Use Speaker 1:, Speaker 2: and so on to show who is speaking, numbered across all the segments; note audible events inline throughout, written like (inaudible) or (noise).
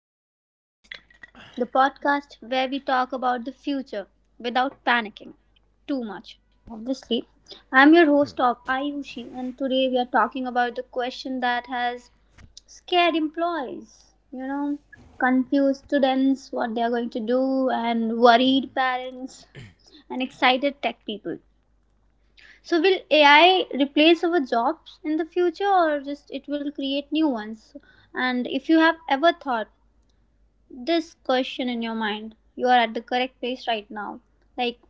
Speaker 1: Back to the podcast. The podcast where we talk about the future without panicking too much, obviously. I'm your host, of Ayushi, and today we are talking about the question that has scared employees, confused students, what they are going to do, and worried parents, and excited tech people. So, will AI replace our jobs in the future, or just it will create new ones? And if you have ever thought, this question in your mind, you are at the correct place right now. like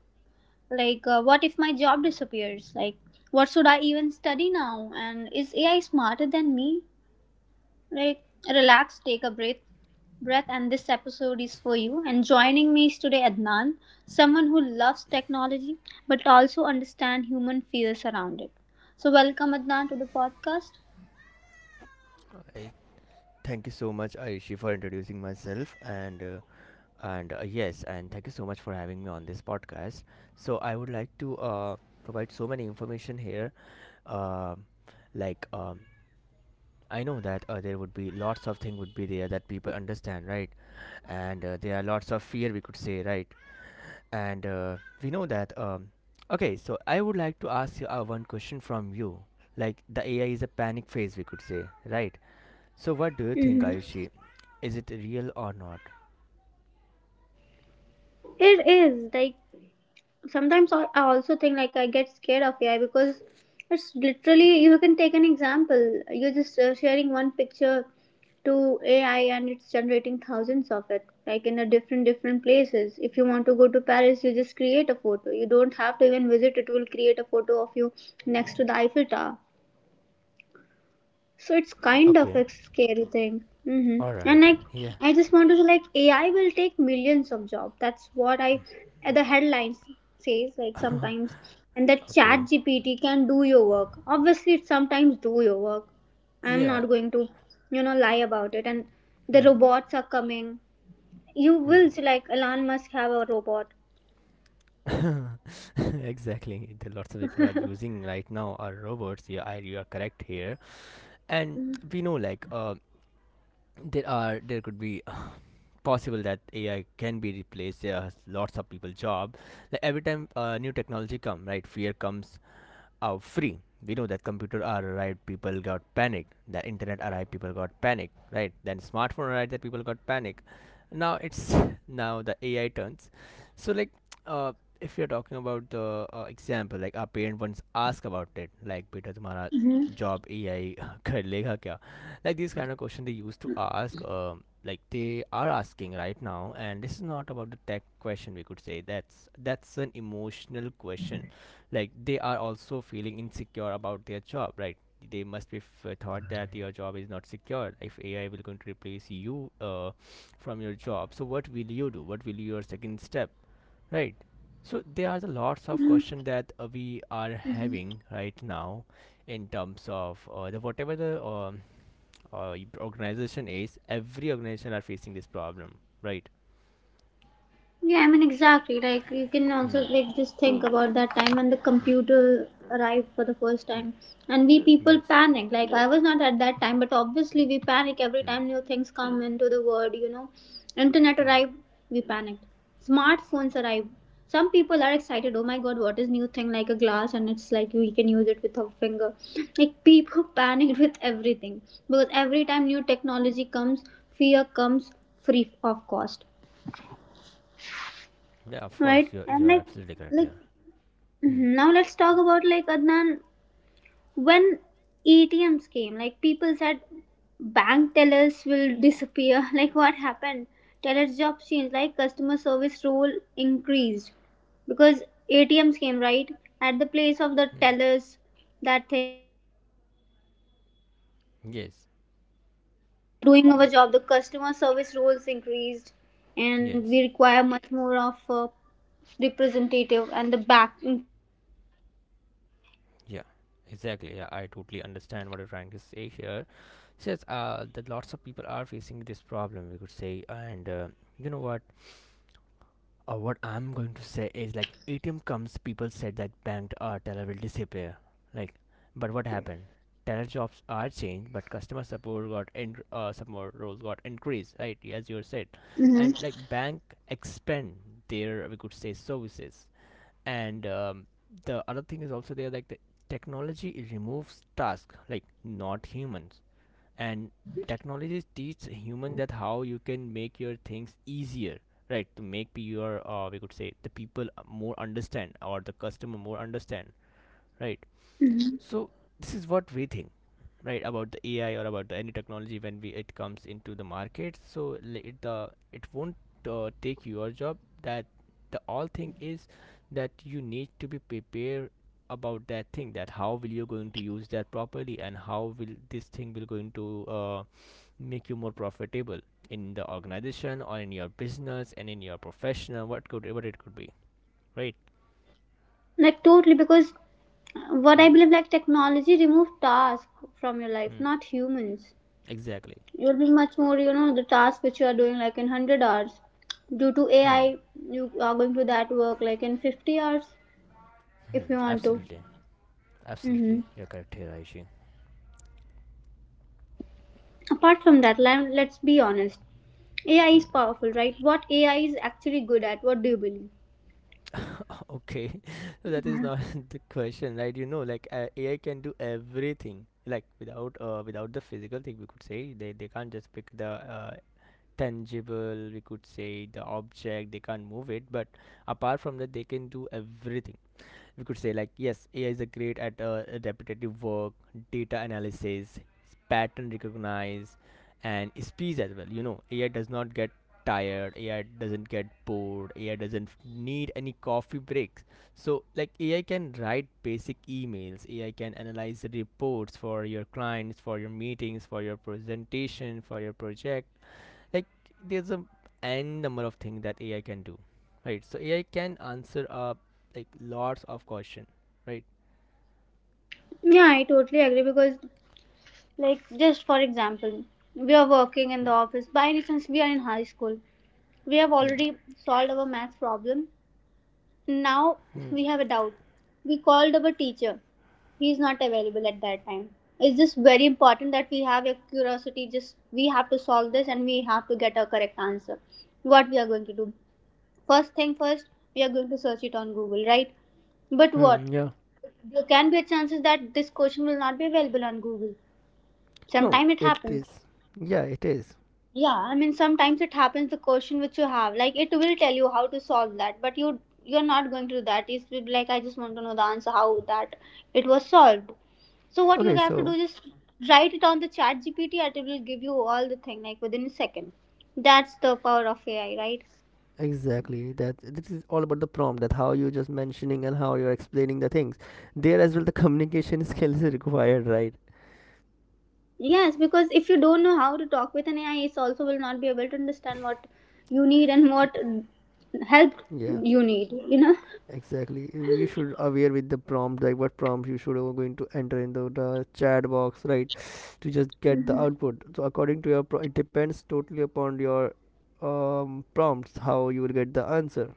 Speaker 1: what if my job disappears? Like, what should I even study now? And is AI smarter than me? like Relax, take a breath. And this episode is for you. And joining me is today adnan, someone who loves technology but also understand human fears around it. So welcome, Adnan, to the podcast.
Speaker 2: I Thank you so much, Aishi, for introducing myself and yes, and thank you so much for having me on this podcast. So I would like to provide so many information here. Um like um, I know that there would be lots of thing would be there that people understand, right? And there are lots of fear we could say, right? And we know that. Okay, so I would like to ask you one question from you. Like the AI is a panic phase, we could say, right? So, what do you think,
Speaker 1: Mhm.
Speaker 2: Ayushi? Is it real or not?
Speaker 1: It is like, sometimes I also think, like, I get scared of AI because it's literally, you can take an example. You're just sharing one picture to AI and it's generating thousands of it, like, in a different different places If you want to go to Paris, you just create a photo. You don't have to even visit. It will create a photo of you next to the Eiffel Tower. So it's kind of
Speaker 2: Okay.
Speaker 1: a scary thing. Hmm. And
Speaker 2: Alright.
Speaker 1: like,
Speaker 2: Yeah.
Speaker 1: I just want to say, like, AI will take millions of jobs. That's what the headlines says, like, sometimes. And that chat
Speaker 2: Okay.
Speaker 1: GPT can do your work. Obviously, it sometimes do your work. I'm not
Speaker 2: Yeah.
Speaker 1: going to, you know, lie about it. And the
Speaker 2: Hmm.
Speaker 1: robots are coming. You will see, like, Elon Musk have a robot.
Speaker 2: Hmm. (laughs) Exactly. The lots of people are using right now are robots. Yeah, you are correct here. And we know, like, there could be possible that AI can be replaced. There are lots of people job. Like every time new technology come, right? Fear comes, out free. We know that computer arrived, people got panicked. That internet arrived, people got panicked. Right? Then smartphone arrived, that people got panicked. Now it's (laughs) now the AI turns. So like, uh, if you're talking about the example, like our parent once asked about it, like, "Beta, तुम्हारा
Speaker 1: Hmm.
Speaker 2: job AI कर लेगा (laughs) kya? Like these kind of question they used to ask. Like they are asking right now, and this is not about the tech question. We could say that's an emotional question. Like they are also feeling insecure about their job, right? They must be thought that your job is not secure if AI will going to replace you from your job. So what will you do? What will your second step, right? So there are the lots of questions that we are having right now in terms of the whatever the uh, organization is. Every organization are facing this problem, right?
Speaker 1: Yeah, I mean, exactly. Like, you can also, like, just think about that time when the
Speaker 2: mm,
Speaker 1: computer arrived for the first
Speaker 2: mm,
Speaker 1: time. And we people
Speaker 2: yes.
Speaker 1: panic. Like, I was not at that time, but obviously we panic every
Speaker 2: mm,
Speaker 1: time new things come into the world, you know. Internet arrived,
Speaker 2: mm.
Speaker 1: we panicked. Smartphones arrived. Some people are excited. Oh my god, what is new thing, like a glass, and it's like we can use it with our finger. Like, people (laughs) panicked with everything because every time new technology comes, fear comes free of cost.
Speaker 2: Yeah, of course
Speaker 1: Right? And
Speaker 2: you're
Speaker 1: like,
Speaker 2: absolutely correct
Speaker 1: like
Speaker 2: here. Hmm.
Speaker 1: now let's talk about, like, Adnan, when ATMs came, like, people said bank tellers will disappear. (laughs) Like, what happened? Tellers' job changed, like customer service role increased because ATMs came, right, at the place of the
Speaker 2: Hmm.
Speaker 1: tellers. That.
Speaker 2: Yes,
Speaker 3: Doing our job, the customer service roles increased, and we
Speaker 2: yes,
Speaker 3: require much more of a representative and the back
Speaker 2: yeah, exactly. Yeah, I totally understand what you're trying to say here. Says that lots of people are facing this problem, we could say. And you know what? What I'm going to say is like ATM comes, people said that banked teller will disappear. Like, but what happened? Teller jobs are changed, but customer support got in, support roles got increased, right? As you said,
Speaker 1: Mhm.
Speaker 2: and like bank expand their we could say services, and the other thing is also there, like the technology, it removes task, like not humans. And technologies teach human that how you can make your things easier, right? To make your we could say the people more understand or the customer more understand, right?
Speaker 1: Mhm.
Speaker 2: So this is what we think, right, about the AI or about the any technology when we it comes into the market. So it won't take your job. That the all thing is that you need to be prepared about that thing, that how will you going to use that properly and how will this thing will going to make you more profitable in the organization or in your business and in your professional, what could what it could be, right?
Speaker 1: Like, totally, because what I
Speaker 2: Hmm.
Speaker 1: believe, like, technology remove task from your life,
Speaker 2: Hmm,
Speaker 1: not humans.
Speaker 2: exactly.
Speaker 1: You'll be much more, you know, the task which you are doing like in 100 hours, due to
Speaker 2: Hmm.
Speaker 1: AI, you are going to that work like in 50 hours if
Speaker 2: Hmm,
Speaker 1: you want to.
Speaker 2: absolutely.
Speaker 1: Hmm.
Speaker 2: Absolutely, you're correct here, Aishi.
Speaker 1: Apart from that, let's be honest. AI is
Speaker 2: Hmm.
Speaker 1: powerful, right? What AI is actually good at? What do you believe?
Speaker 2: Okay, (laughs) so that is not (laughs) the question, right? You know, like AI can do everything, like without the physical thing. We could say they can't just pick the tangible. We could say the object. They can't move it, but apart from that, they can do everything. We could say like yes, AI is a great at repetitive work, data analysis, pattern recognize, and speech as well. You know, AI does not get tired, AI doesn't get bored, AI doesn't need any coffee breaks. So like AI can write basic emails, AI can analyze the reports for your clients, for your meetings, for your presentation, for your project. Like there's a n number of things that AI can do, right? So AI can answer uh, like lots of question, right?
Speaker 1: Yeah, I totally agree because, like, just for example, we are working in the
Speaker 2: Hmm.
Speaker 1: office. By any chance, we are in high school. We have
Speaker 2: Hmm.
Speaker 1: already solved our math problem. Now
Speaker 2: Hmm.
Speaker 1: we have a doubt. We called our teacher. He is not available at that time. It's just very important that we have a curiosity. Just we have to solve this and we have to get a correct answer. What we are going to do? First thing first, we are going to search it on Google, right? But
Speaker 2: Hmm,
Speaker 1: what?
Speaker 2: yeah.
Speaker 1: There can be a chances that this question will not be available on Google.
Speaker 2: No,
Speaker 1: Sometime it
Speaker 2: it
Speaker 1: happens.
Speaker 2: is. Yeah, it is.
Speaker 1: Yeah, I mean, sometimes it happens the question which you have, like, it will tell you how to solve that, but you're not going to do that. It's will be like, I just want to know the answer how that it was solved. So what you
Speaker 2: Okay,
Speaker 1: have to do
Speaker 2: so
Speaker 1: is write it on the chat GPT and it will give you all the thing like within a second. That's the power of AI, right?
Speaker 2: exactly that this is all about the prompt, that how you just mentioning and how you're explaining the things. There as well the clean (laughs) skills is required, right?
Speaker 1: Yes, because if you don't know how to talk with an AI, it also will not be able to understand what you need and what help
Speaker 2: Yeah.
Speaker 1: you need, you know?
Speaker 2: Exactly. You should aware with the prompt, what prompt you should check, right, to just get the output. So according to your, it depends totally upon your prompts how you will get the answer.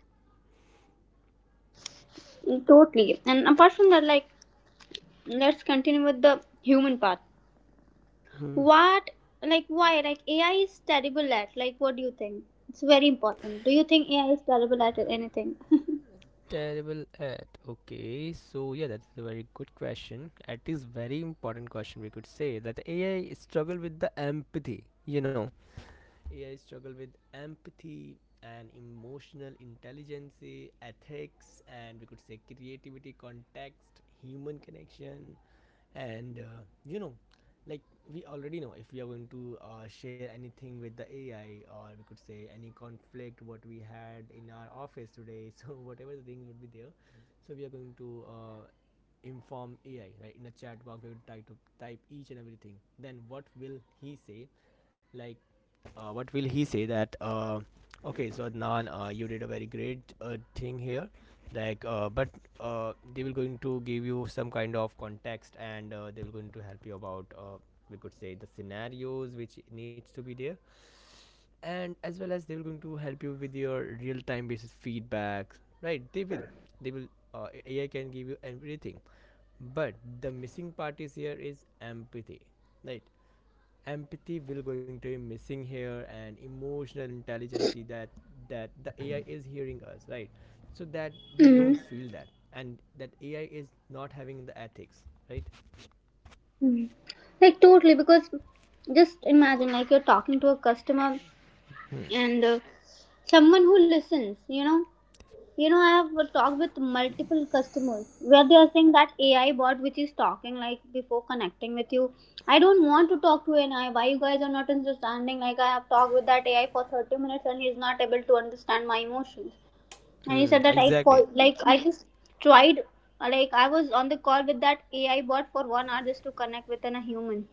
Speaker 1: Totally. And apart from that, like, let's continue with the human part.
Speaker 2: Hmm.
Speaker 1: What Why, like, AI is terrible at, like, what do you think? It's very important. Do you think AI is terrible at anything? (laughs)
Speaker 2: Terrible at. Okay, so yeah, that's a very good question. It is very important question. We could say that AI struggle with the empathy. You know, AI struggle with empathy and emotional intelligence, ethics, and we could say creativity, context, human connection. And you know, like we already know if we are going to share anything with the AI, or we could say any conflict what we had in our office today. (laughs) So whatever the things would be there, so we are going to inform AI right in a chat box. We will try to type each and everything. Then what will he say? Like what will he say that okay, so Adnan, you did a very great thing here, like but they will going to give you some kind of context, and they will going to help you about we could say the scenarios which needs to be there, and as well as they will going to help you with your real time basis feedback, right? They will AI can give you everything, but the missing part is here is empathy, right? Empathy will going to be missing here, and emotional intelligence, that that the AI is hearing us, right? So that we
Speaker 1: Hmm.
Speaker 2: don't feel that, and that AI is not having the ethics, right?
Speaker 1: Like, totally, because just imagine, like, you're talking to a customer and someone who listens, you know, I have talked with multiple customers where they are saying that AI bot which is talking like before connecting with you. I don't want to talk to an AI. Why you guys are not understanding? Like, I have talked with that AI for 30 minutes and he is not able to understand my emotions. And he
Speaker 2: Hmm,
Speaker 1: said that I for
Speaker 2: exactly.
Speaker 1: like I just tried, like, I was on the call with that AI bot for 1 hour just to connect with a human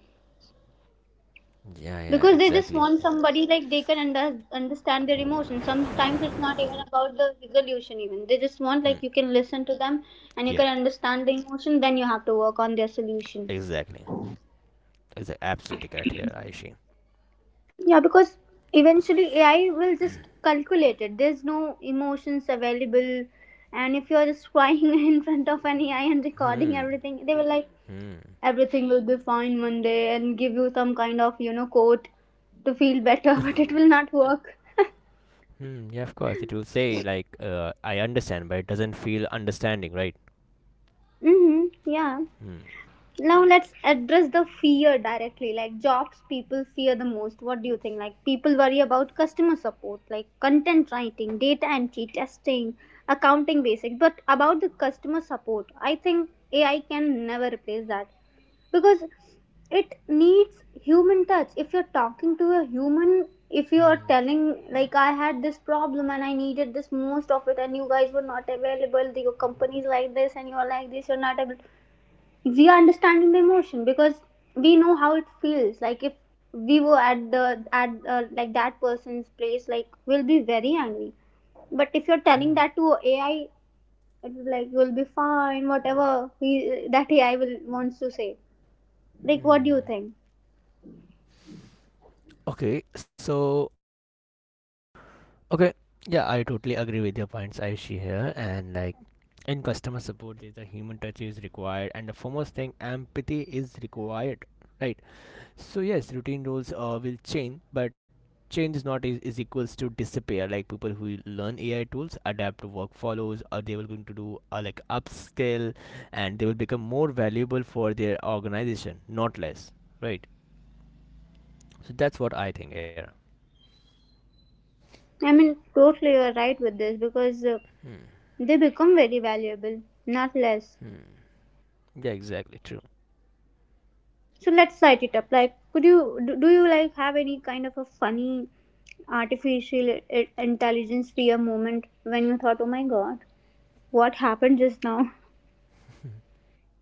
Speaker 2: Yeah, yeah,
Speaker 1: because they just
Speaker 2: exactly.
Speaker 1: want somebody like they can understand their emotions. Sometimes it's not even about the resolution. Even they just want,
Speaker 2: Hmm,
Speaker 1: like, you can listen to them and you
Speaker 2: yeah,
Speaker 1: can understand the emotion. Then you have to work on their solution.
Speaker 2: exactly. It's absolutely correct here, Aishi.
Speaker 1: Yeah, because eventually AI will just calculate it. There's no emotions available. And if you're just crying (laughs) in front of an AI and recording
Speaker 2: Hmm.
Speaker 1: everything, they will, like, everything will be fine one day and give you some kind of, you know, quote to feel better, (laughs) but it
Speaker 2: (sighs)
Speaker 1: will not work.
Speaker 2: (laughs) hmm, yeah, of course. It will say, like, I understand, but it doesn't feel understanding, right?
Speaker 1: Mm-hmm. Yeah.
Speaker 2: Hmm.
Speaker 1: Now let's address the fear directly. Like, jobs people fear the most. What do you think? Like, people worry about customer support, like content writing, data entry, testing, accounting basics. But about the customer support, I think AI can never replace that because it needs human touch. If you're talking to a human, if you
Speaker 2: Hmm.
Speaker 1: are telling, like, I had this problem and I needed this most of it and you guys were not available, your company's like this and you're like this, you're not able. We are understanding the emotion because we know how it feels like. If we were at the at like that person's place, like, we'll be very angry. But if you're telling
Speaker 2: Hmm.
Speaker 1: that to AI, it will, like, you'll be fine, whatever that AI will wants to say. Like, what do you
Speaker 2: Hmm.
Speaker 1: think?
Speaker 2: Okay, so okay, yeah, I totally agree with your points, Aishi here. And like in customer support, the human touch is required, and the foremost thing, empathy is required, right? So yes, routine roles will change, but change is not is equals to disappear. Like people who learn AI tools, adapt to work follows, or they will going to do like upscale, and they will become more valuable for their organization, not less, right? So that's what I think here.
Speaker 1: I mean, totally, you're right with this because
Speaker 2: Hmm.
Speaker 1: they become very valuable, not less.
Speaker 2: Hmm. Yeah, exactly true.
Speaker 1: So let's light it up. Like, could you do, do you, like, have any kind of a funny artificial intelligence fear moment when you thought, oh my god, what happened just now?
Speaker 2: (laughs)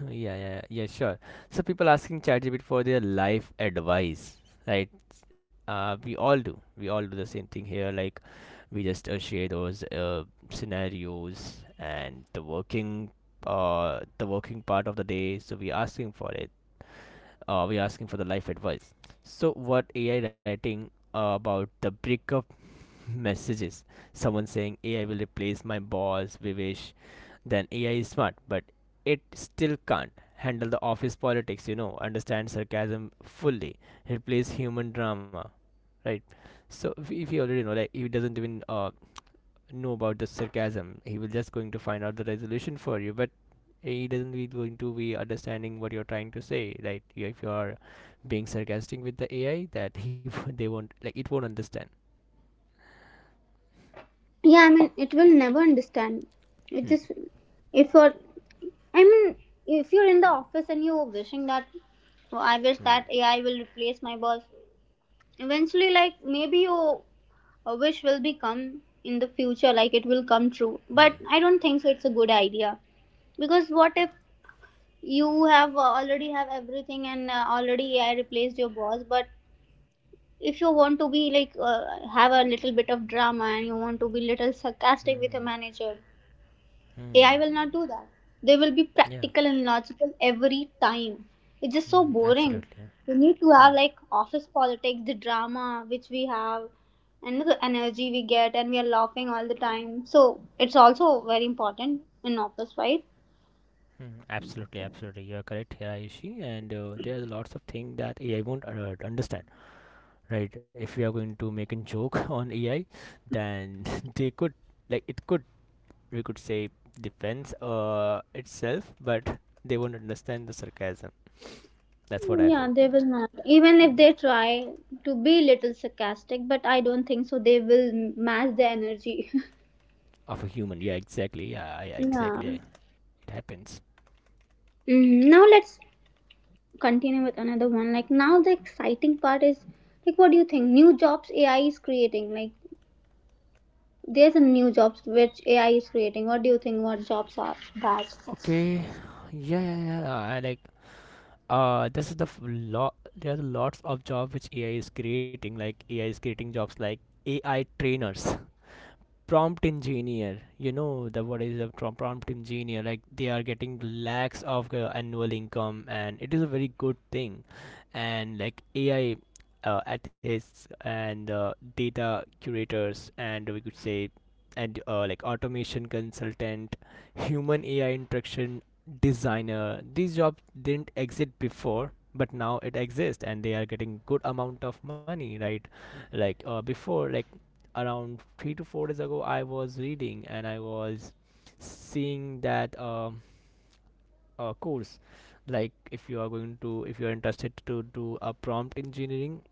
Speaker 2: (laughs) yeah, yeah, yeah, sure. So people asking ChatGPT for their life advice, right? We all do. We all do the same thing here. Like we just share those scenarios and the working part of the day. So we asking for it. We asking for the life advice. So what AI writing about the breakup (laughs) messages? Someone saying AI will replace my boss, Vivesh, then AI is smart, but it still can't handle the office politics, you know, understand sarcasm fully, replace human drama, right? So if he already know, like he doesn't even know about the sarcasm, he will just going to find out the resolution for you, but he doesn't be going to be understanding what you're trying to say, right? If you are being sarcastic with the AI, that he (laughs) they won't, it won't understand.
Speaker 1: Yeah, I mean, it will never understand.
Speaker 2: Hmm.
Speaker 1: It just, if you're, I mean, if you're in the office and you're wishing that, oh, I wish
Speaker 2: Hmm.
Speaker 1: that AI will replace my boss. Eventually, like, maybe your wish will become in the future, like, it will come true. But
Speaker 2: Hmm.
Speaker 1: I don't think so it's a good idea because what if you have already have everything and already I replaced your boss, but if you want to be like, have a little bit of drama and you want to be little sarcastic with your
Speaker 2: Hmm.
Speaker 1: manager,
Speaker 2: Hmm.
Speaker 1: AI will not do that. They will be
Speaker 2: Yeah.
Speaker 1: practical and logical every time. It's just so
Speaker 2: Hmm.
Speaker 1: boring.
Speaker 2: Absolutely.
Speaker 1: We need to
Speaker 2: Hmm.
Speaker 1: have, like, office politics, the drama which we have, and the energy we get, and we are laughing all the time. So it's also very important in office, right?
Speaker 2: Hmm, absolutely, absolutely. You are correct here, Aishi. And there's lots of things that AI won't understand, right? If we are going to make a joke (laughs) on AI, then (laughs) they could, like, it could, we could say, defends itself, but they won't understand the sarcasm. That's what I
Speaker 1: Yeah,
Speaker 2: feel.
Speaker 1: they will not. Even if they try to be a little sarcastic, but I don't think so. They will match the energy. (laughs)
Speaker 2: Of a human, yeah, exactly. Yeah, yeah
Speaker 1: Yeah.
Speaker 2: exactly. Yeah, it happens.
Speaker 1: Mm, now let's continue with another one. Like, now the exciting part is, like, what do you think? New jobs AI is creating. Like, there's a new jobs which AI is creating. What do you think? What jobs are that?
Speaker 2: Okay, yeah, yeah, yeah. I like uh, this is the lot. There are lots of jobs which AI is creating. Like AI is creating jobs like AI trainers, prompt engineer. You know the what is a prompt engineer? Like they are getting lakhs of annual income, and it is a very good thing. And like AI ethics, and data curators, and we could say, and like automation consultant, human AI interaction designer. These jobs didn't exist before, but now it exists, and they are getting good amount of money, right? Like before, like around 3 to 4 days ago, I was reading and I was seeing that course. Like, if you are going to, if you are interested to do a prompt engineering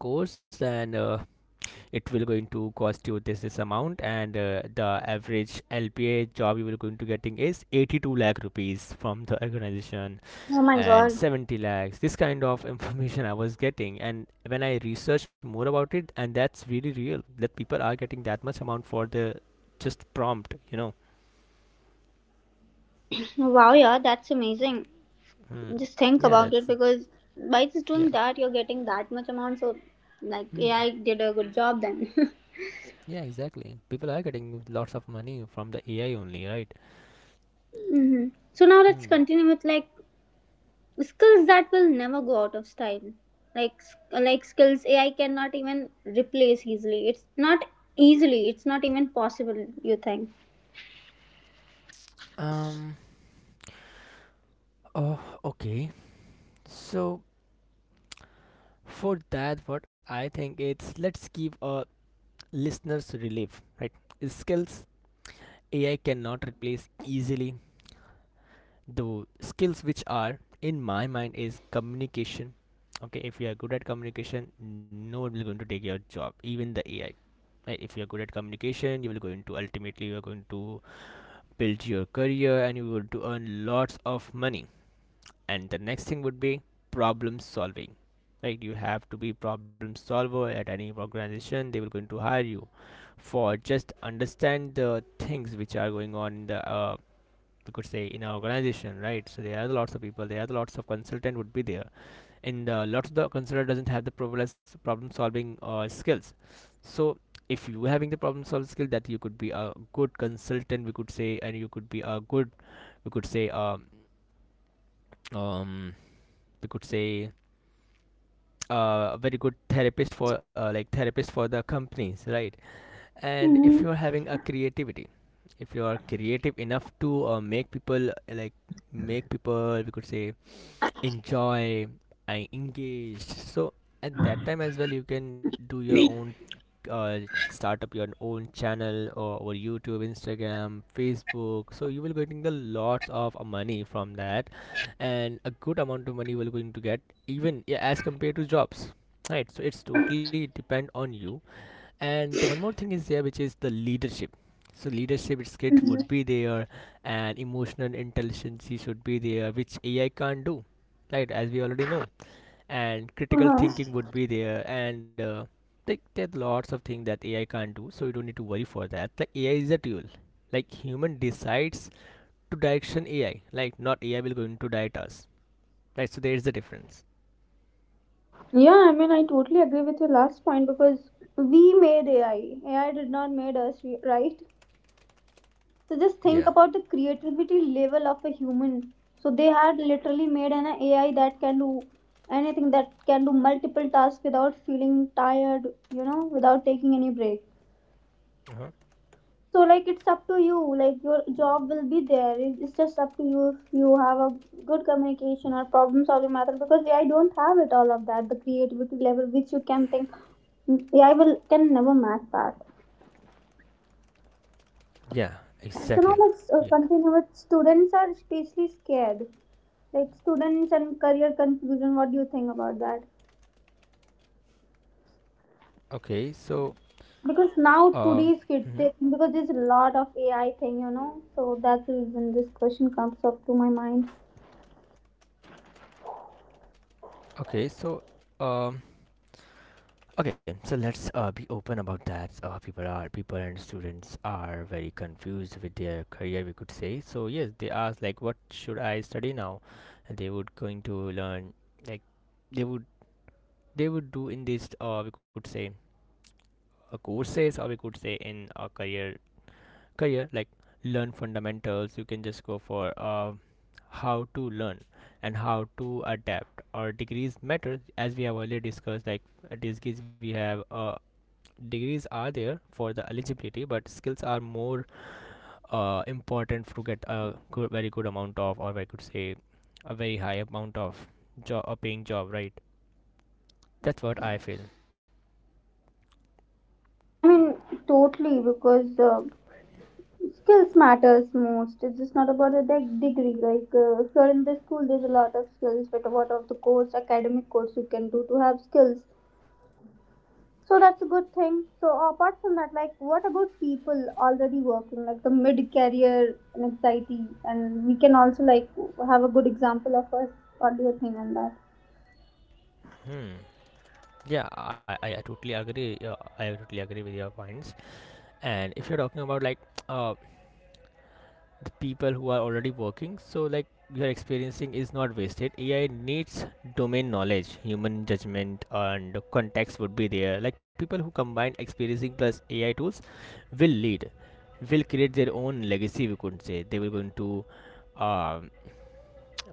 Speaker 2: course, then it will going to cost you this amount, and the average LPA job you will going to getting is 82 lakh rupees from the organization
Speaker 1: Oh my
Speaker 2: and
Speaker 1: god!
Speaker 2: 70 lakhs, this kind of (laughs) information I was getting, and when I researched more about it, and that's really real that people are getting that much amount for the just prompt
Speaker 1: Wow, yeah, that's amazing.
Speaker 2: Hmm.
Speaker 1: Just think
Speaker 2: yeah
Speaker 1: about it,
Speaker 2: that's
Speaker 1: because by just
Speaker 2: yeah.
Speaker 1: doing that, you're getting that much amount. So, like,
Speaker 2: Hmm.
Speaker 1: AI did a good job then. (laughs)
Speaker 2: Yeah, exactly, people are getting lots of money from the ai only, right?
Speaker 1: Hmm. So now let's
Speaker 2: Hmm.
Speaker 1: continue with, like, skills that will never go out of style. Like, like, skills AI cannot even replace easily. It's not easily. It's not even possible. You think?
Speaker 2: um oh, okay. So for that, what I think it's, let's give a listeners relief, right? Skills ai cannot replace easily. The skills which are in my mind is communication. Okay, if you are good at communication, no one will going to take your job, even the ai. Right, if you are good at communication, you will going to, ultimately you are going to build your career and you will to earn lots of money. And the next thing would be problem solving. Right, you have to be problem solver, at any organization they will going to hire you for just understand the things which are going on in the we could say in our organization. Right, so there are lots of people, there are lots of consultant would be there, and lots of the consultant doesn't have the problem- solving skills. So if you having the problem solving skill, that you could be a good consultant, we could say, and you could be a good, we could say, um we could say a very good therapist for like therapist for the companies, right? And if you are having a creativity, if you are creative enough to make people like make people, we could say, enjoy and engage, so at that time as well you can do your own uh, start up your own channel, or youtube, instagram, facebook, so you will getting the lots of money from that. And a good amount of money you will going to get, even, yeah, as compared to jobs, right? So it's totally depend on you. And the one more thing is there, which is the leadership. So leadership skills would
Speaker 1: Mhm.
Speaker 2: be there, and emotional intelligence should be there, which ai can't do, right, as we already know. And critical
Speaker 1: Uh-huh.
Speaker 2: thinking would be there, and like there's lots of things that ai can't do, so you don't need to worry for that. Like ai is a tool, like human decides to direction ai, like not ai will going to direct us, right? So there is the difference.
Speaker 1: Yeah, I mean, I totally agree with your last point because we made AI. AI did not made us, right? So just think
Speaker 2: Yeah.
Speaker 1: about the creativity level of a human. So they had literally made an AI that can do anything, that can do multiple tasks without feeling tired, you know, without taking any break.
Speaker 2: Uh-huh.
Speaker 1: So, like, it's up to you. Like, your job will be there. It's just up to you if you have a good communication or problem solving method because AI don't have it all of that. The creativity level which you can think AI will can never match that.
Speaker 2: Yeah,
Speaker 1: So now
Speaker 2: exactly.
Speaker 1: let's
Speaker 2: Yeah.
Speaker 1: continue with students are especially scared. Like students and career confusion, what do you think about that?
Speaker 2: Okay, so
Speaker 1: Because now
Speaker 2: Uh
Speaker 1: today's kids
Speaker 2: mhm.
Speaker 1: they, because there's a lot of AI thing, you know, so that's the reason this question comes up to my mind.
Speaker 2: Okay, so um okay, so let's be open about that. People are people and students are very confused with their career, we could say. So yes, they ask like, what should I study now? And they would going to learn, like they would they would do in this we could say courses, or we could say in a career, like learn fundamentals. You can just go for how to learn and how to adapt. Or degrees matter, as we have already discussed, like degrees we have degrees are there for the eligibility, but skills are more important to get a good, very good amount of, or I could say a very high amount of job, a paying job, right? That's what I feel.
Speaker 1: I mean, totally, because skills matters most. It's just not about the degree like if you're in the school there's a lot of skills, but what of the course academic course you can do to have skills. So that's a good thing. So apart from that, like what about people already working, like the mid career and anxiety, and we can also like have a good example of us. What do you think on that?
Speaker 2: Hmm. Yeah, I totally agree, I totally agree with your points. And if you're talking about like uh the people who are already working, so like your experiencing is not wasted. Ai needs domain knowledge, human judgment and context would be there. Like people who combine experiencing plus ai tools will lead, will create their own legacy, we could say. They were going to um,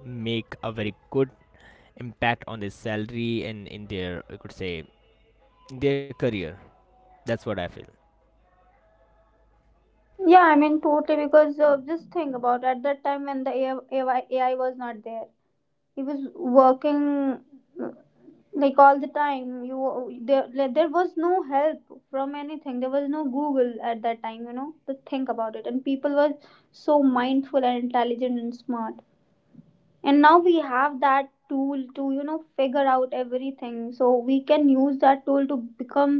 Speaker 2: make a very good impact on their salary and in their, we could say, their career. That's what I feel.
Speaker 1: Yeah, I mean totally because just think about at that time when the AI, was not there, he was working like all the time. There was no help from anything. There was no Google at that time, you know, to think about it, and people were so mindful and intelligent and smart. And now we have that tool to, you know, figure out everything, so we can use that tool to become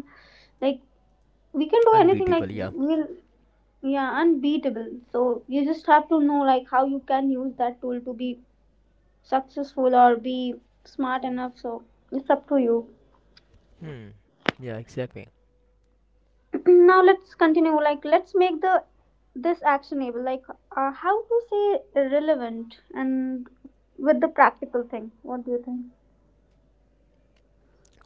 Speaker 1: like we can do anything like
Speaker 2: Unbeatable, yeah.
Speaker 1: we'll. Yeah, unbeatable. So you just have to know like how you can use that tool to be successful or be smart enough. So it's up to you.
Speaker 2: Hmm. Yeah, exactly.
Speaker 1: (clears throat) Now let's continue like let's make the this actionable like how to say relevant and with the practical thing. What do you think?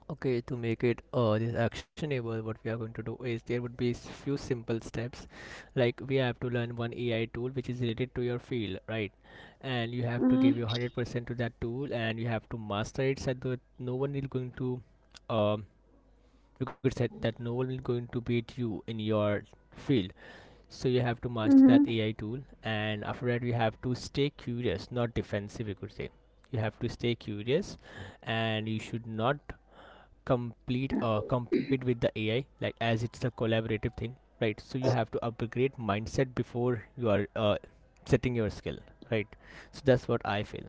Speaker 2: Okay, to make it this actionable, what we are going to do is there would be few simple steps. Like we have to learn one AI tool which is related to your field, right? And you have to give
Speaker 1: Mm-hmm.
Speaker 2: your 100% to that tool, and you have to master it so that no one is going to, um, you could say that no one is going to beat you in your field. So you have to master that
Speaker 1: Mm-hmm.
Speaker 2: AI tool, and after that you have to stay curious, not defensive. You could say you have to stay curious and you should not complete compete with the AI, like as it's a collaborative thing, right? So you have to upgrade mindset before you are setting your skill, right? So that's what I feel.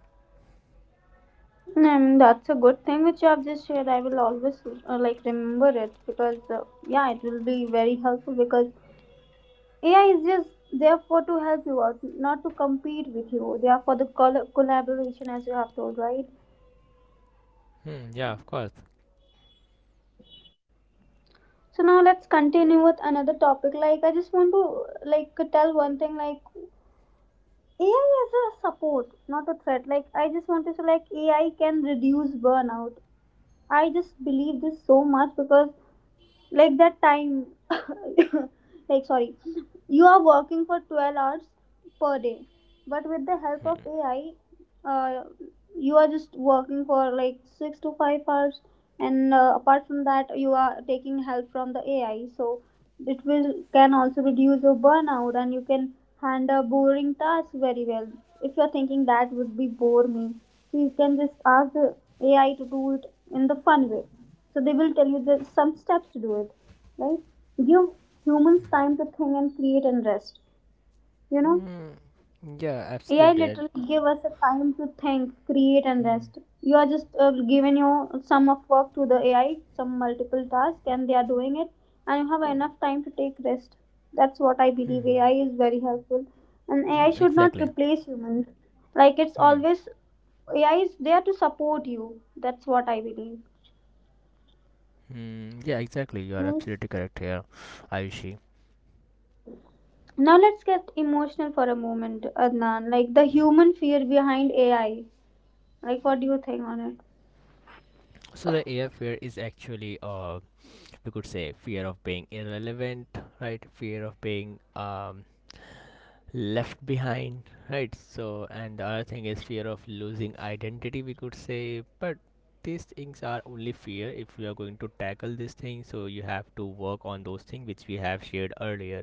Speaker 1: And that's a good thing which you have just shared. I will always like remember it because yeah, it will be very helpful because AI is just therefore to help you out, not to compete with you. They are for the collaboration, as you have told, right?
Speaker 2: Hmm, yeah, of course.
Speaker 1: So now let's continue with another topic. Like I just want to like tell one thing. Like AI is a support, not a threat. Like I just want to say, like AI can reduce burnout. I just believe this so much because like that time (laughs) like sorry, you are working for 12 hours per day, but with the help of AI, uh, you are just working for like 6 to 5 hours, and apart from that you are taking help from the AI, so it will can also reduce your burnout and you can handle boring tasks very well. If you're thinking that would be bore me, so you can just ask the AI to do it in the fun way, so they will tell you the some steps to do it, right? Give humans time to think and create and rest, you know.
Speaker 2: Hmm. Yeah,
Speaker 1: AI
Speaker 2: absolutely.
Speaker 1: literally give us a time to think, create and
Speaker 2: Hmm.
Speaker 1: rest. You are just given your sum of work to the AI, some multiple tasks, and they are doing it, and you have enough time to take rest. That's what I
Speaker 2: Hmm.
Speaker 1: believe, AI is very helpful. And AI
Speaker 2: Hmm.
Speaker 1: should not
Speaker 2: Exactly.
Speaker 1: replace humans. Like it's
Speaker 2: Hmm.
Speaker 1: always, AI is there to support you. That's what I believe.
Speaker 2: Hmm. Yeah, exactly. You are
Speaker 1: Hmm?
Speaker 2: absolutely correct here, Ayushi.
Speaker 1: Now let's get emotional for a moment, Adnan. Like the human fear behind AI. Like what do you think on it?
Speaker 2: So the AI fear is actually, we could say, fear of being irrelevant, right? Fear of being left behind, right? So, and the other thing is fear of losing identity, we could say. But these things are only fear. If we are going to tackle this thing, so you have to work on those things which we have shared earlier.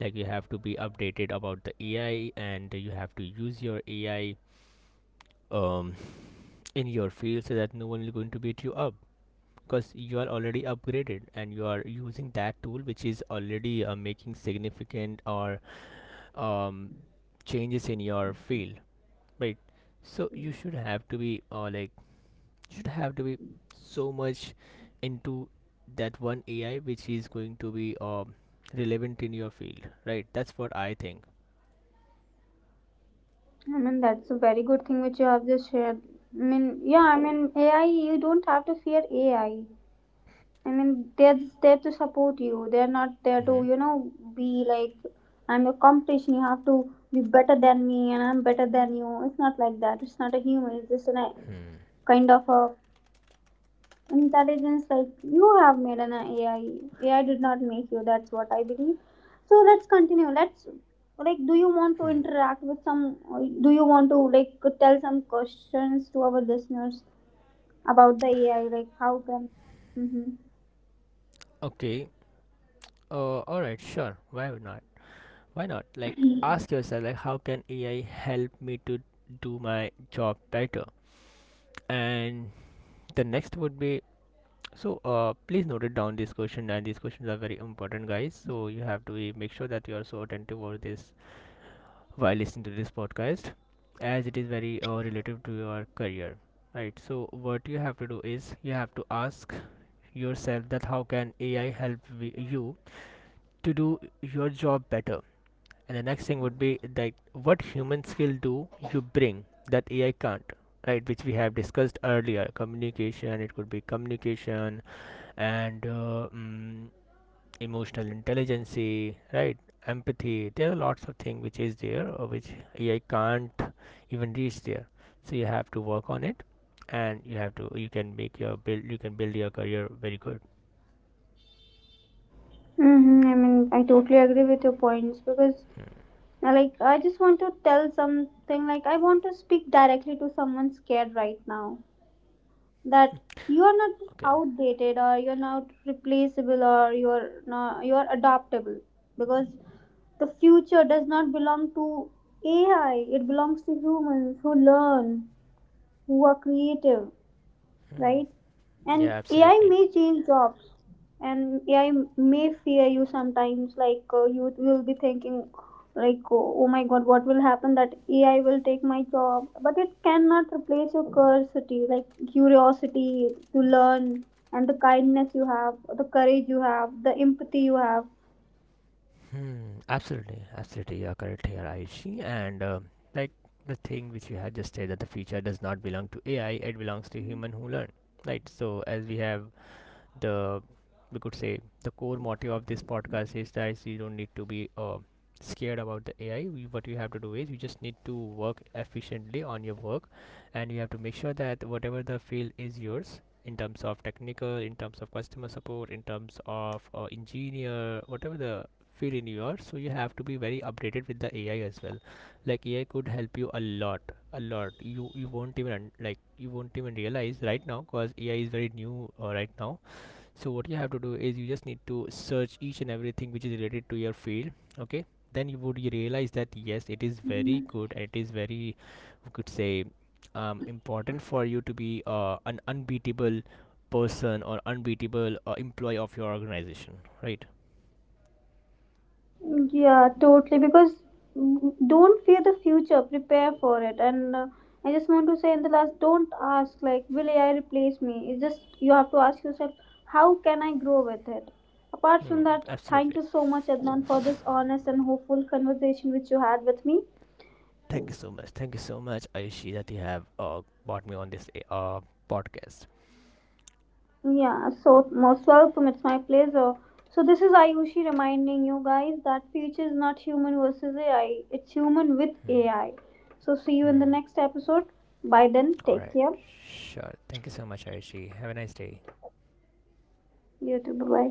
Speaker 2: Like you have to be updated about the ai, and you have to use your ai um, in your field, so that no one is going to beat you up, because you are already upgraded and you are using that tool which is already making significant or um, changes in your field. Right. So you should have to be like you should have to be so much into that one AI which is going to be relevant in your field. Right. That's what I think.
Speaker 1: I mean that's a very good thing which you have just shared. I mean yeah, I mean AI, you don't have to fear AI. I mean they're just there to support you. They're not there to,
Speaker 2: Hmm.
Speaker 1: you know, be like I'm your competition, you have to be better than me and I'm better than you. It's not like that. It's not a human, it's just a
Speaker 2: Hmm.
Speaker 1: kind of a intelligence. Like you have made an AI, AI did not make you. That's what I believe. So let's continue. Let's like, do you want to
Speaker 2: Hmm.
Speaker 1: interact with some, do you want to like tell some questions to our listeners about the AI, like how can. Mm-hmm.
Speaker 2: Okay. All right. Sure. Why not? Why not? Like ask yourself, like how can AI help me to do my job better? And the next would be, so please note it down, this question, and these questions are very important, guys. So you have to be, make sure that you are so attentive over this while listening to this podcast, as it is very relative to your career. Right. So what you have to do is you have to ask yourself that how can AI help you to do your job better. And the next thing would be, like what human skill do you bring that AI can't. Right, which we have discussed earlier, communication. It could be communication, and emotional intelligence, right? Empathy. There are lots of things which is there, or which AI can't even reach there. So you have to work on it, and you have to, you can build your career very good.
Speaker 1: Mm-hmm. I mean, I totally agree with your points because,
Speaker 2: Hmm.
Speaker 1: like, I just want to tell something. Like, I want to speak directly to someone scared right now. That you are not just
Speaker 2: Okay.
Speaker 1: outdated, or you're not replaceable, or you're not you're adaptable, because the future does not belong to AI, it belongs to humans who learn, who are creative, right?
Speaker 2: Yeah,
Speaker 1: And AI
Speaker 2: absolutely.
Speaker 1: may change jobs, and AI may fear you sometimes. Like you will be thinking, like, oh, oh my God, what will happen? That AI will take my job, but it cannot replace your curiosity, like curiosity to learn, and the kindness you have, the courage you have, the empathy you have.
Speaker 2: Hmm, absolutely, absolutely. You are correct here, Aishi. And like the thing which you had just said, that the feature does not belong to AI; it belongs to human who learn. Right. So as we have the we could say, the core motive of this podcast is that you don't need to be scared about the AI. You- What you have to do is you just need to work efficiently on your work, and you have to make sure that whatever the field is yours, in terms of technical, in terms of customer support, in terms of engineer, whatever the field in you are. So you have to be very updated with the AI as well. Like AI could help you a lot, a lot. You won't even un- like you won't even realize right now because AI is very new right now. So what you have to do is you just need to search each and everything which is related to your field, okay? Then you would realize that yes, it is very good and it is very, we could say, important for you to be an unbeatable person or unbeatable employee of your organization, right.
Speaker 1: Yeah, totally. Because don't fear the future, prepare for it. And I just want to say in the last, don't ask, like, will AI replace me? It's just you have to ask yourself, how can I grow with it? Apart
Speaker 2: Hmm,
Speaker 1: from that, thank
Speaker 2: absolutely.
Speaker 1: you so much, Adnan, for this honest and hopeful conversation which you had with me.
Speaker 2: Thank you so much, thank you so much, Aishi, that you have brought me on this podcast.
Speaker 1: Yeah, so most welcome. It's my pleasure. So, this is Ayushi reminding you guys that future is not human versus AI, it's human with
Speaker 2: Hmm.
Speaker 1: AI. So, see you in the
Speaker 2: Hmm.
Speaker 1: next episode. By then,
Speaker 2: All
Speaker 1: take
Speaker 2: right,
Speaker 1: care.
Speaker 2: sure. Thank you so much, Aishi, have a nice day.
Speaker 1: You too. Bye bye.